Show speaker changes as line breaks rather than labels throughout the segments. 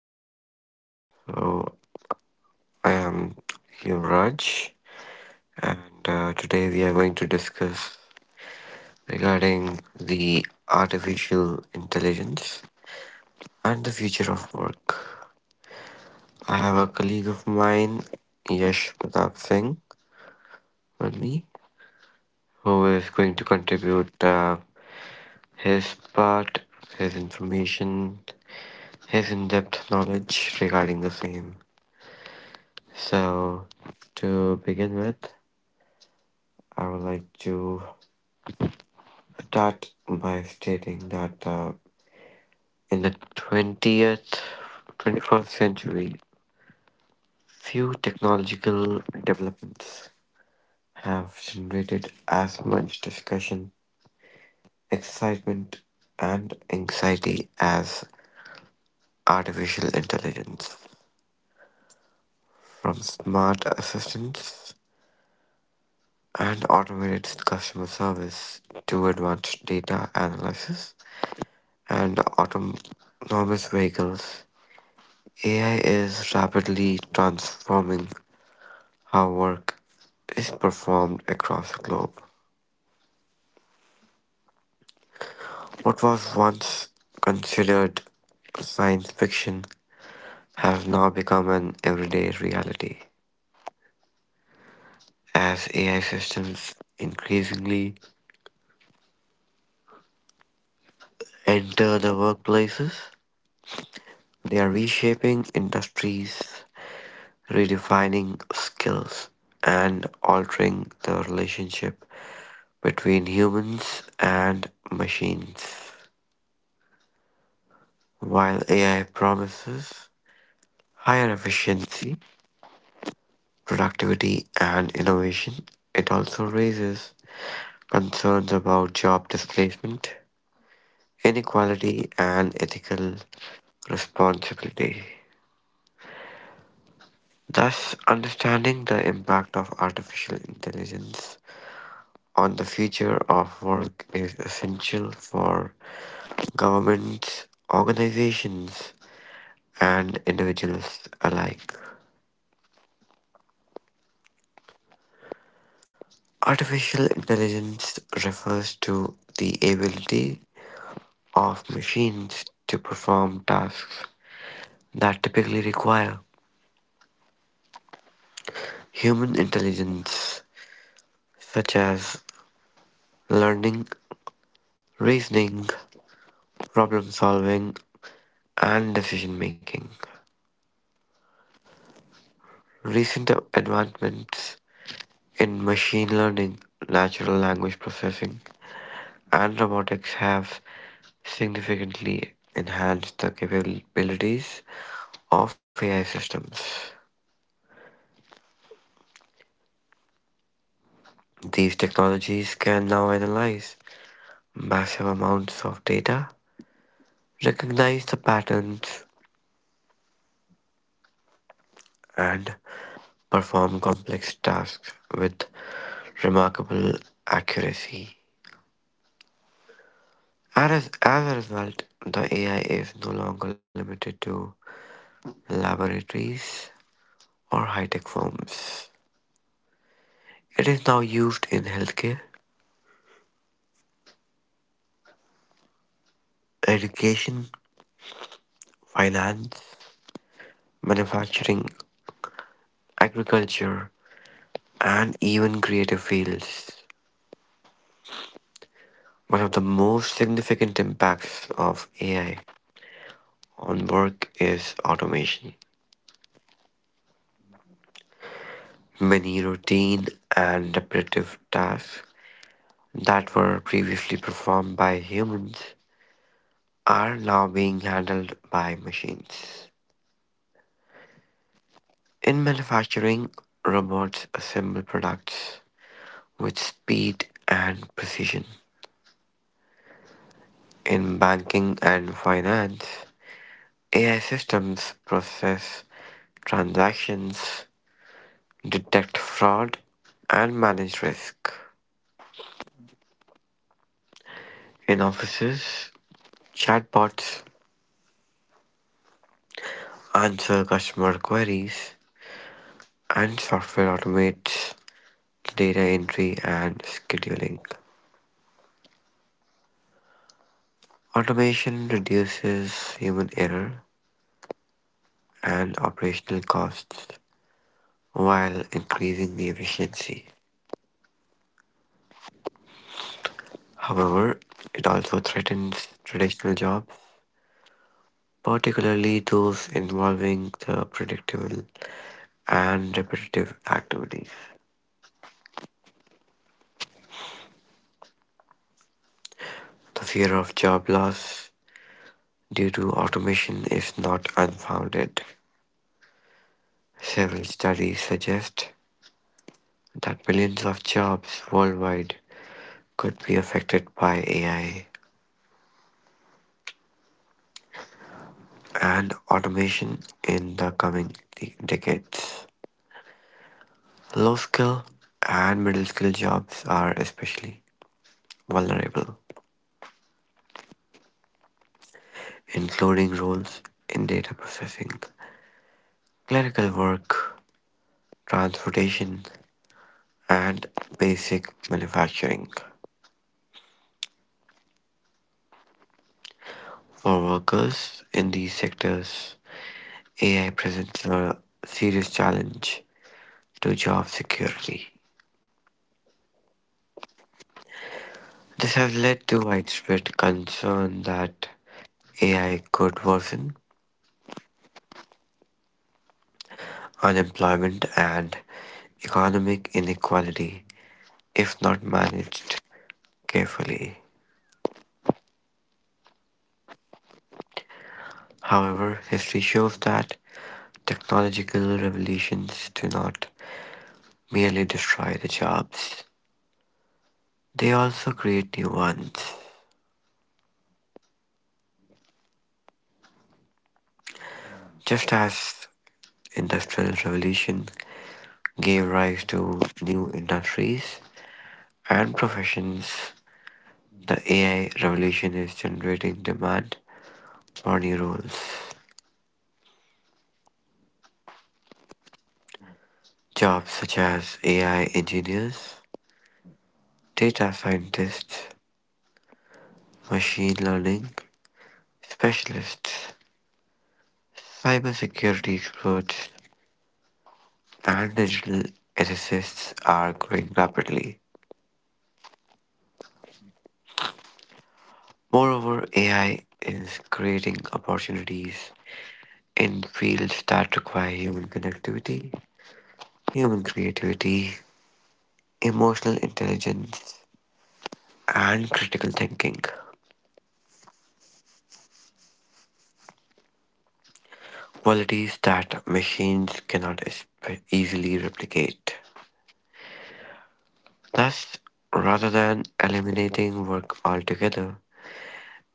everyone, I am Yuvraj, and today we are going to discuss regarding the artificial intelligence and the future of work. I have a colleague of mine, Yash Pratap Singh, with me, who is going to contribute his part, his information, his in-depth knowledge regarding the same. So, to begin with, I would like to start by stating that in the 21st century, few technological developments have generated as much discussion, excitement, and anxiety as artificial intelligence. From smart assistants and automated customer service to advanced data analysis and autonomous vehicles, AI is rapidly transforming how work is performed across the globe. What was once considered science fiction has now become an everyday reality. As AI systems increasingly enter the workplaces, they are reshaping industries, redefining skills, and altering the relationship between humans and machines. While AI promises higher efficiency, productivity, and innovation, it also raises concerns about job displacement, inequality, and ethical responsibility. Thus, understanding the impact of artificial intelligence on the future of work is essential for governments, organizations, and individuals alike. Artificial intelligence refers to the ability of machines to perform tasks that typically require human intelligence, such as learning, reasoning, problem solving, and decision making. Recent advancements in machine learning, natural language processing, and robotics have significantly enhanced the capabilities of AI systems. These technologies can now analyze massive amounts of data, recognize the patterns, and perform complex tasks with remarkable accuracy. As a result, the AI is no longer limited to laboratories or high tech firms. It is now used in healthcare, education, finance, manufacturing, agriculture, and even creative fields. One of the most significant impacts of AI on work is automation. Many routine and repetitive tasks that were previously performed by humans are now being handled by machines. In manufacturing, robots assemble products with speed and precision. In banking and finance, AI systems process transactions, detect fraud, and manage risk. In offices, chatbots answer customer queries, and software automates data entry and scheduling. Automation reduces human error and operational costs while increasing the efficiency. However, it also threatens traditional jobs, particularly those involving the predictable and repetitive activities. The fear of job loss due to automation is not unfounded. Several studies suggest that millions of jobs worldwide could be affected by AI and automation in the coming decades. Low skill and middle skill jobs are especially vulnerable, including roles in data processing, clerical work, transportation, and basic manufacturing. For workers in these sectors, AI presents a serious challenge to job security. This has led to widespread concern that AI could worsen unemployment and economic inequality if not managed carefully. However, history shows that technological revolutions do not merely destroy the jobs, they also create new ones. Just as Industrial Revolution gave rise to new industries and professions. The AI revolution is generating demand for new roles. Jobs such as AI engineers, data scientists, machine learning specialists, cybersecurity experts, and digital ethicists are growing rapidly. Moreover, AI is creating opportunities in fields that require human connectivity, human creativity, emotional intelligence, and critical thinking. Qualities that machines cannot easily replicate. Thus, rather than eliminating work altogether,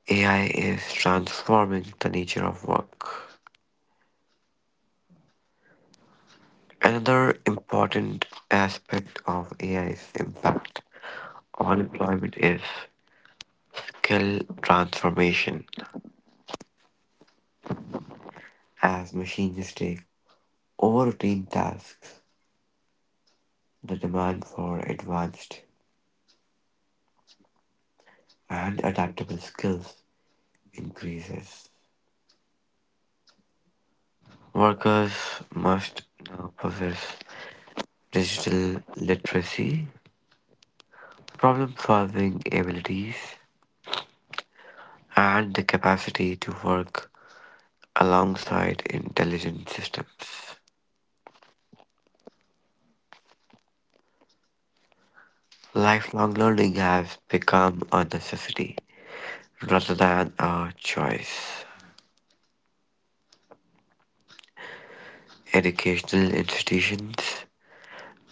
AI is transforming the nature of work. Another important aspect of AI's impact on employment is skill transformation as machines take over routine tasks. The demand for advanced and adaptable skills increases. Workers must now possess digital literacy, problem solving abilities, and the capacity to work alongside intelligent systems. Lifelong learning has become a necessity rather than a choice. Educational institutions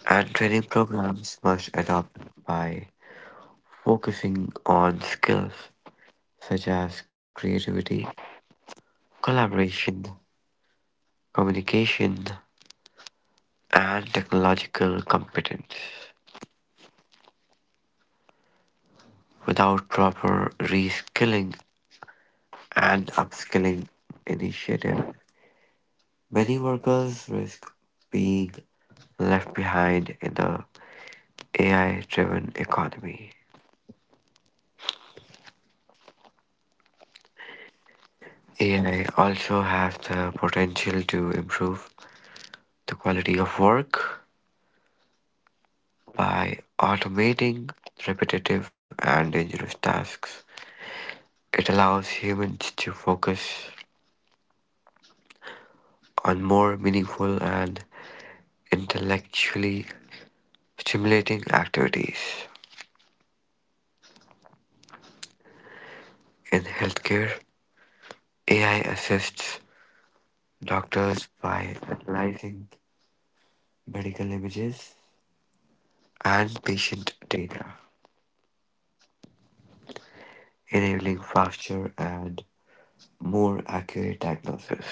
and training programs must adopt by focusing on skills such as creativity, collaboration, communication, and technological competence. Without proper reskilling and upskilling initiative, many workers risk being left behind in the AI driven economy. AI also has the potential to improve the quality of work. By automating repetitive and dangerous tasks, it allows humans to focus on more meaningful and intellectually stimulating activities. In healthcare, AI assists doctors by analyzing medical images and patient data, enabling faster and more accurate diagnosis.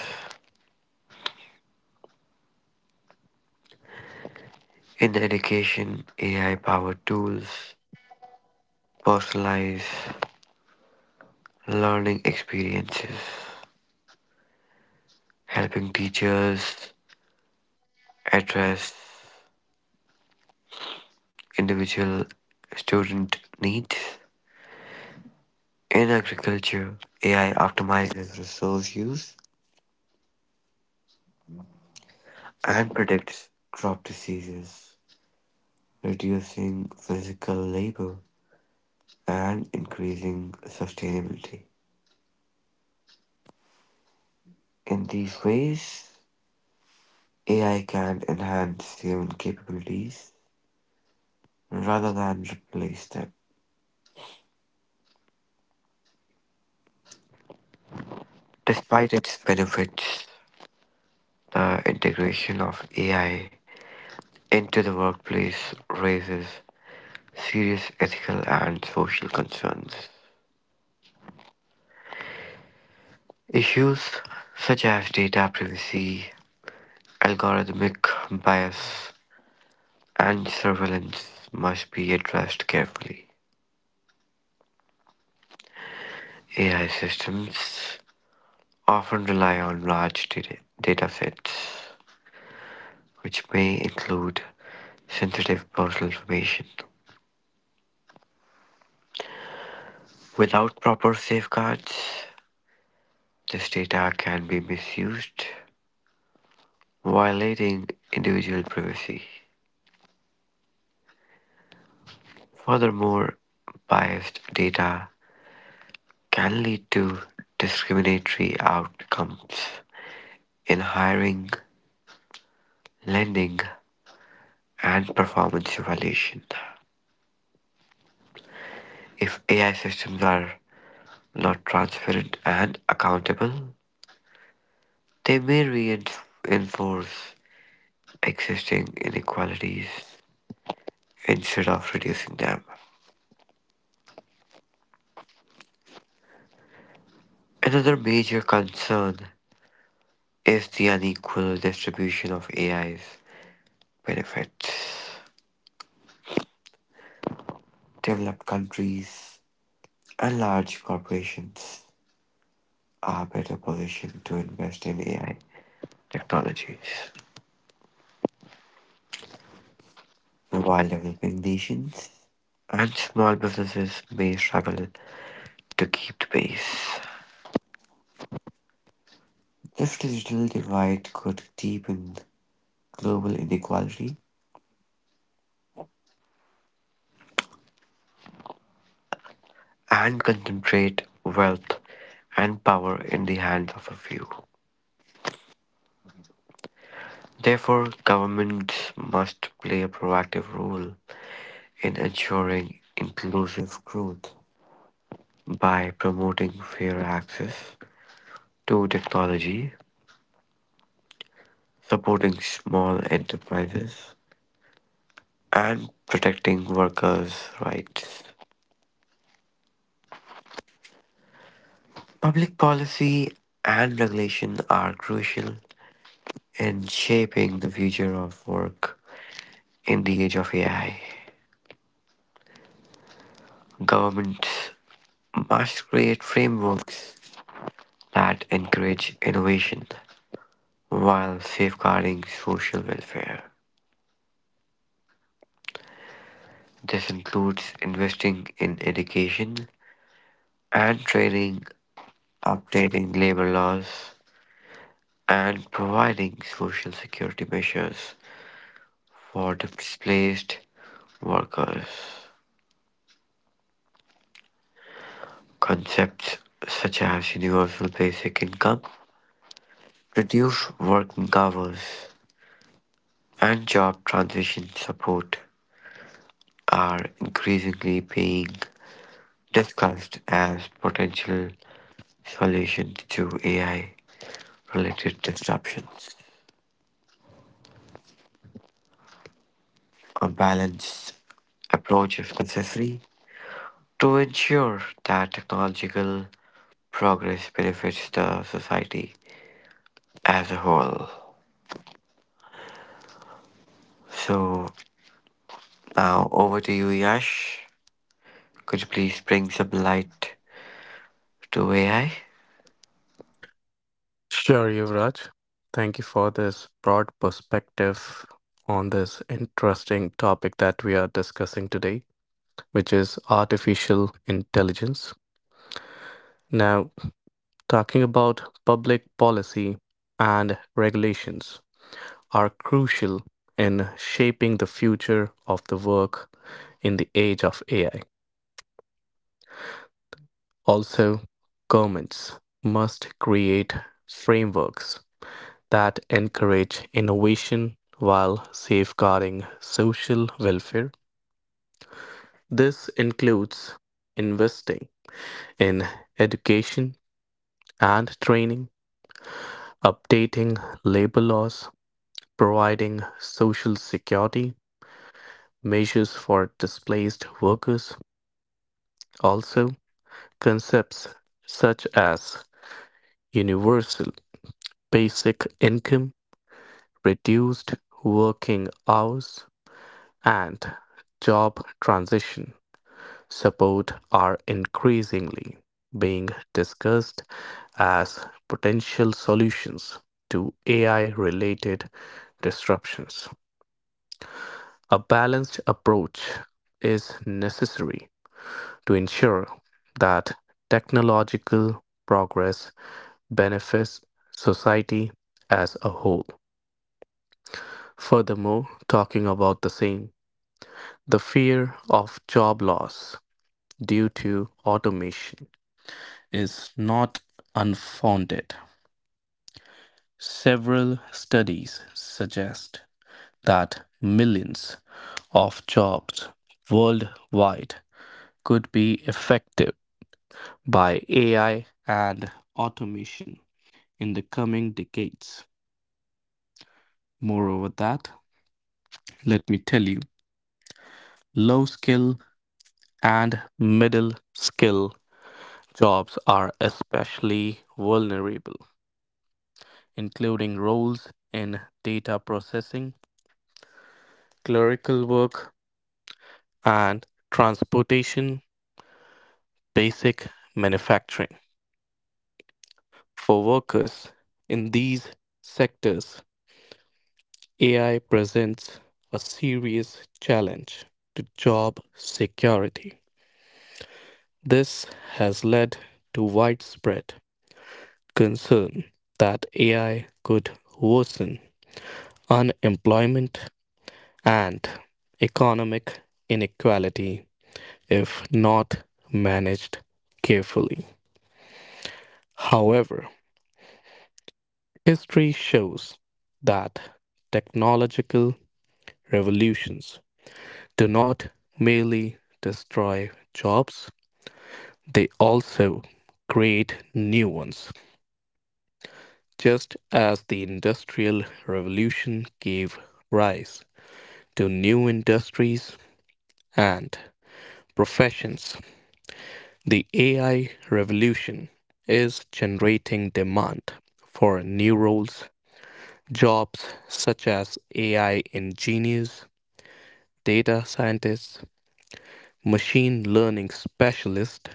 In education, AI powered tools personalize learning experiences, helping teachers address individual student needs. In agriculture, AI optimizes resource use and predicts crop diseases, reducing physical labor and increasing sustainability. In these ways, AI can enhance human capabilities rather than replace them. Despite its benefits, the integration of AI into the workplace raises serious ethical and social concerns. Issues such as data privacy, algorithmic bias, and surveillance must be addressed carefully. AI systems often rely on large data sets, which may include sensitive personal information. Without proper safeguards, this data can be misused, violating individual privacy. Furthermore, biased data can lead to discriminatory outcomes in hiring, lending, and performance evaluation. If AI systems are not transparent and accountable, they may reinforce existing inequalities instead of reducing them. Another major concern is the unequal distribution of AIs benefits. Developed countries and large corporations are better positioned to invest in AI technologies, while developing nations and small businesses may struggle to keep the pace. This digital divide could deepen global inequality and concentrate wealth and power in the hands of a few. Therefore, governments must play a proactive role in ensuring inclusive growth by promoting fair access to technology, supporting small enterprises, and protecting workers' rights. Public policy and regulation are crucial in shaping the future of work in the age of AI. Governments must create frameworks that encourage innovation while safeguarding social welfare. This includes investing in education and training, updating labor laws, and providing social security measures for displaced workers. Concepts such as universal basic income, reduced working hours, and job transition support are increasingly being discussed as potential solutions to AI related disruptions. A balanced approach if necessary to ensure that technological progress benefits the society as a whole. So now over to you, Yash. Could you please bring some light to AI?
Sure, Yuvraj. Thank you for this broad perspective on this interesting topic that we are discussing today, which is artificial intelligence. Now, talking about public policy and regulations are crucial in shaping the future of the work in the age of AI. Also, governments must create frameworks that encourage innovation while safeguarding social welfare. This includes investing in education and training, updating labor laws, providing social security measures for displaced workers. Also, concepts such as universal basic income, reduced working hours, and job transition support are increasingly being discussed as potential solutions to AI related disruptions. A balanced approach is necessary to ensure that technological progress benefits society as a whole. Furthermore, talking about the same, the fear of job loss due to automation is not unfounded. Several studies suggest that millions of jobs worldwide could be affected by AI and automation in the coming decades. Moreover, that, let me tell you, low skill and middle skill jobs are especially vulnerable, including roles in data processing, clerical work, and transportation basic manufacturing. For workers in these sectors, AI presents a serious challenge to job security. This has led to widespread concern that AI could worsen unemployment and economic inequality if not managed carefully. However, history shows that technological revolutions do not merely destroy jobs, they also create new ones. Just as the Industrial Revolution gave rise to new industries and professions, the AI revolution is generating demand for new roles, jobs such as AI engineers data scientists, machine learning specialists,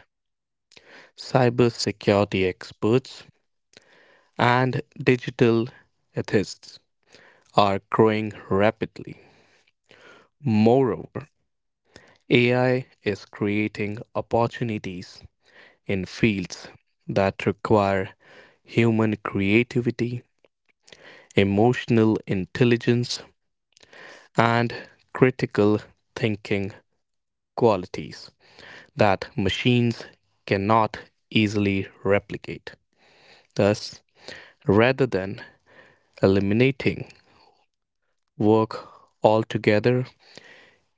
cybersecurity experts, and digital ethists are growing rapidly. Moreover, AI is creating opportunities in fields that require human creativity, emotional intelligence, and critical thinking qualities that machines cannot easily replicate. Thus, rather than eliminating work altogether,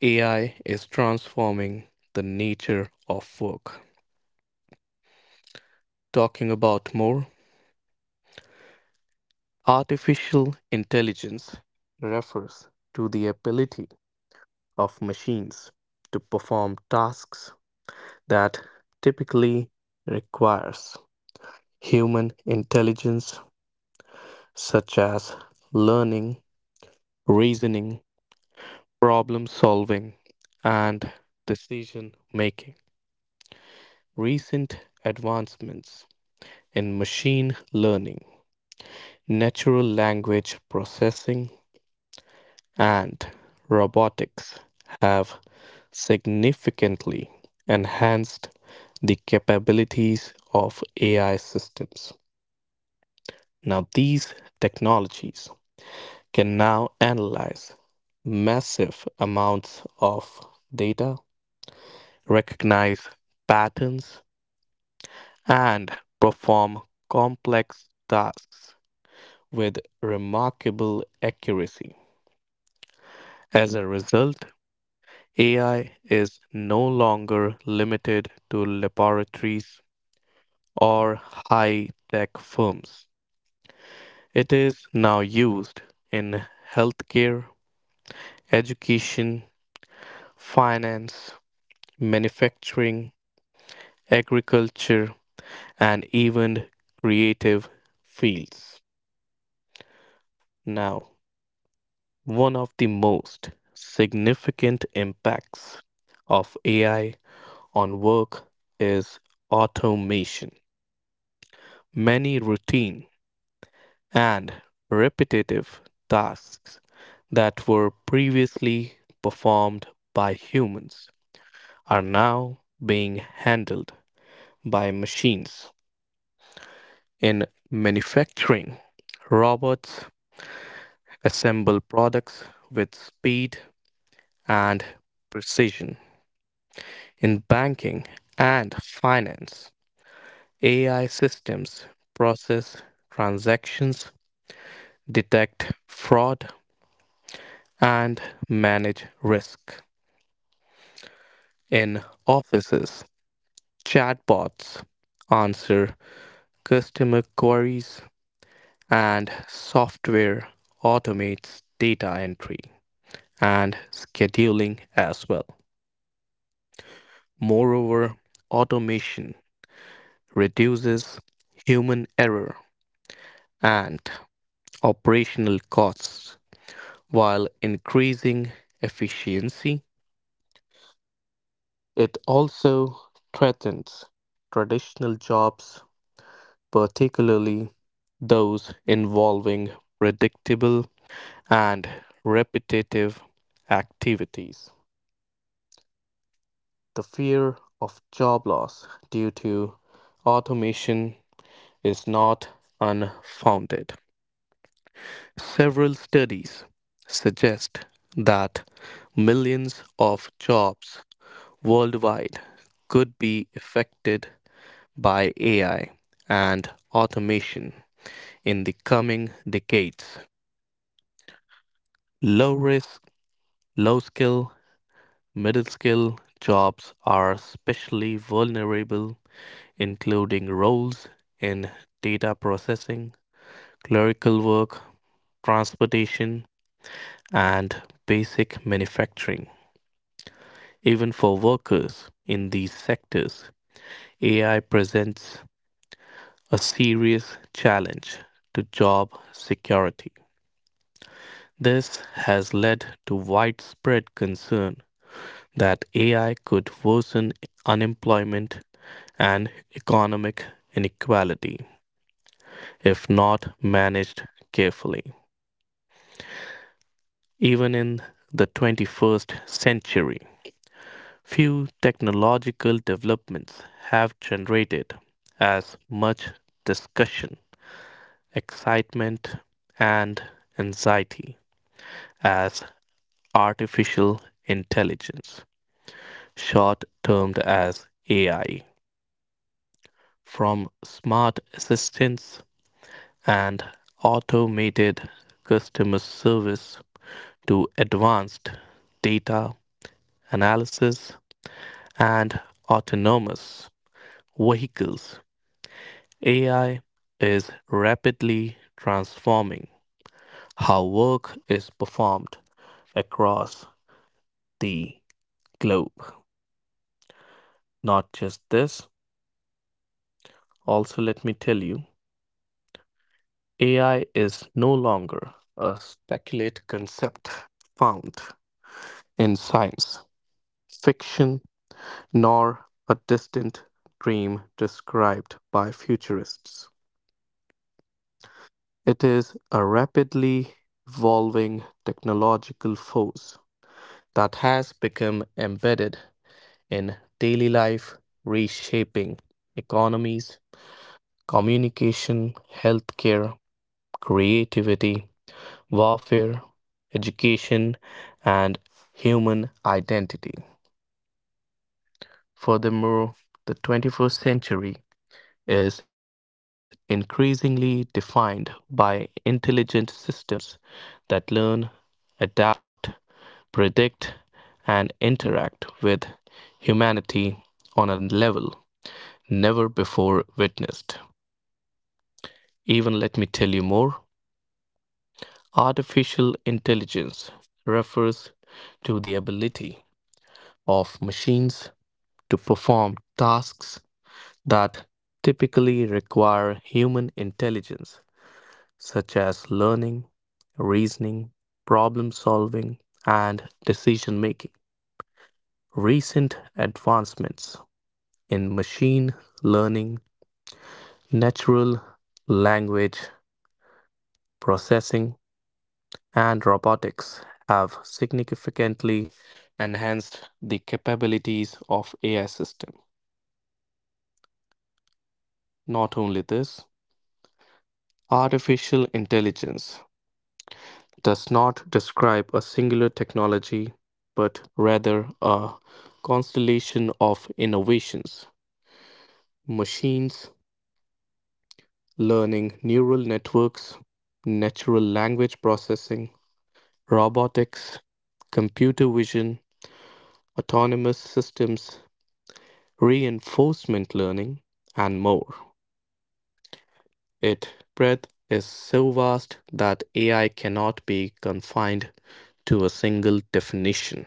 AI is transforming the nature of work. Talking about more, artificial intelligence refers to the ability of machines to perform tasks that typically requires human intelligence such as learning, reasoning, problem solving, and decision making. Recent advancements in machine learning, natural language processing, and robotics have significantly enhanced the capabilities of AI systems. Now, these technologies can now analyze massive amounts of data, recognize patterns, and perform complex tasks with remarkable accuracy. As a result, AI is no longer limited to laboratories or high tech firms. It is now used in healthcare, education, finance, manufacturing, agriculture, and even creative fields. Now, one of the most significant impacts of AI on work is automation. Many routine and repetitive tasks that were previously performed by humans are now being handled by machines. In manufacturing, robots assemble products with speed and precision. In banking and finance, AI systems process transactions, detect fraud, and manage risk. In offices, chatbots answer customer queries, and software automates data entry and scheduling as well. Moreover, automation reduces human error and operational costs while increasing efficiency. It also threatens traditional jobs, particularly those involving predictable and repetitive activities. The fear of job loss due to automation is not unfounded. Several studies suggest that millions of jobs worldwide could be affected by AI and automation in the coming decades. Low risk, low skill, middle skill jobs are especially vulnerable, including roles in data processing, clerical work, transportation, and basic manufacturing. Even for workers in these sectors, AI presents a serious challenge to job security. This has led to widespread concern that AI could worsen unemployment and economic inequality if not managed carefully. Even in the 21st century, few technological developments have generated as much discussion, excitement, and anxiety as artificial intelligence, short termed as AI. From smart assistants and automated customer service to advanced data analysis and autonomous vehicles AI is rapidly transforming how work is performed across the globe. Not just this, also, let me tell you AI is no longer a speculative concept found in science fiction nor a distant dream described by futurists. It is a rapidly evolving technological force that has become embedded in daily life, reshaping economies, communication, healthcare, creativity, warfare, education, and human identity. Furthermore, the 21st century is increasingly defined by intelligent systems that learn, adapt, predict, and interact with humanity on a level never before witnessed. Even let me tell you more artificial intelligence refers to the ability of machines to perform tasks that typically require human intelligence such as learning, reasoning, problem solving, and decision making. Recent advancements in machine learning, natural language processing, and robotics have significantly enhanced the capabilities of AI system. Not only this, artificial intelligence does not describe a singular technology, but rather a constellation of innovations. Machines, learning, neural networks, natural language processing, robotics, computer vision, autonomous systems, reinforcement learning, and more. Its breadth is so vast that AI cannot be confined to a single definition.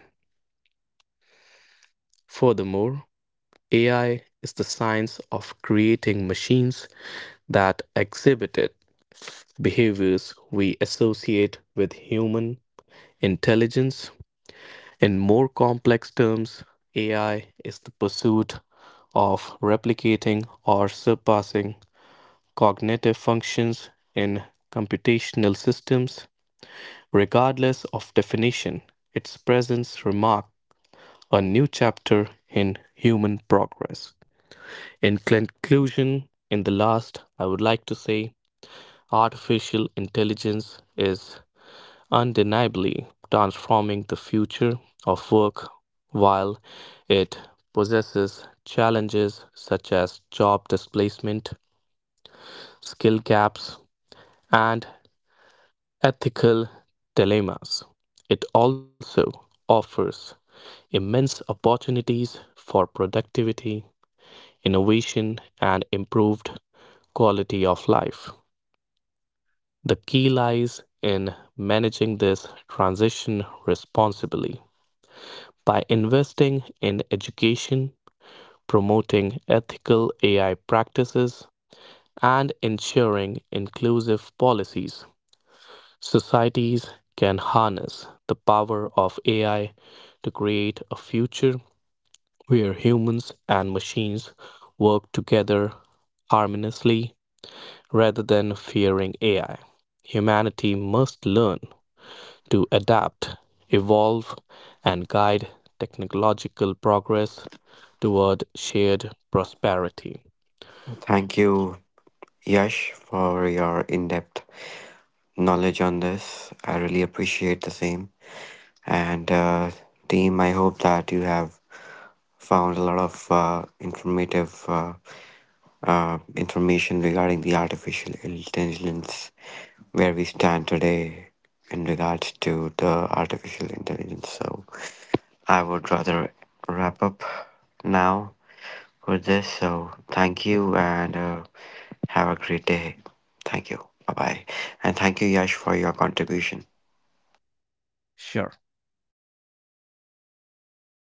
Furthermore, AI is the science of creating machines that exhibited behaviors we associate with human intelligence. In more complex terms, AI is the pursuit of replicating or surpassing cognitive functions in computational systems. Regardless of definition, its presence remarks a new chapter in human progress. In conclusion, in the last, I would like to say artificial intelligence is undeniably transforming the future of work while it possesses challenges such as job displacement, skill gaps, and ethical dilemmas. It also offers immense opportunities for productivity, innovation, and improved quality of life. The key lies in managing this transition responsibly by investing in education, promoting ethical AI practices, and ensuring inclusive policies. Societies can harness the power of AI to create a future where humans and machines work together harmoniously rather than fearing AI. Humanity must learn to adapt, evolve, and guide technological progress toward shared prosperity.
Thank you, Yash, for your in depth knowledge on this. I really appreciate the same. And team, I hope that you have found a lot of informative. Information regarding the artificial intelligence, where we stand today in regards to the artificial intelligence. So I would rather wrap up now with this. So thank you and have a great day. Thank you. Bye bye. And thank you, Yash, for your contribution.
Sure.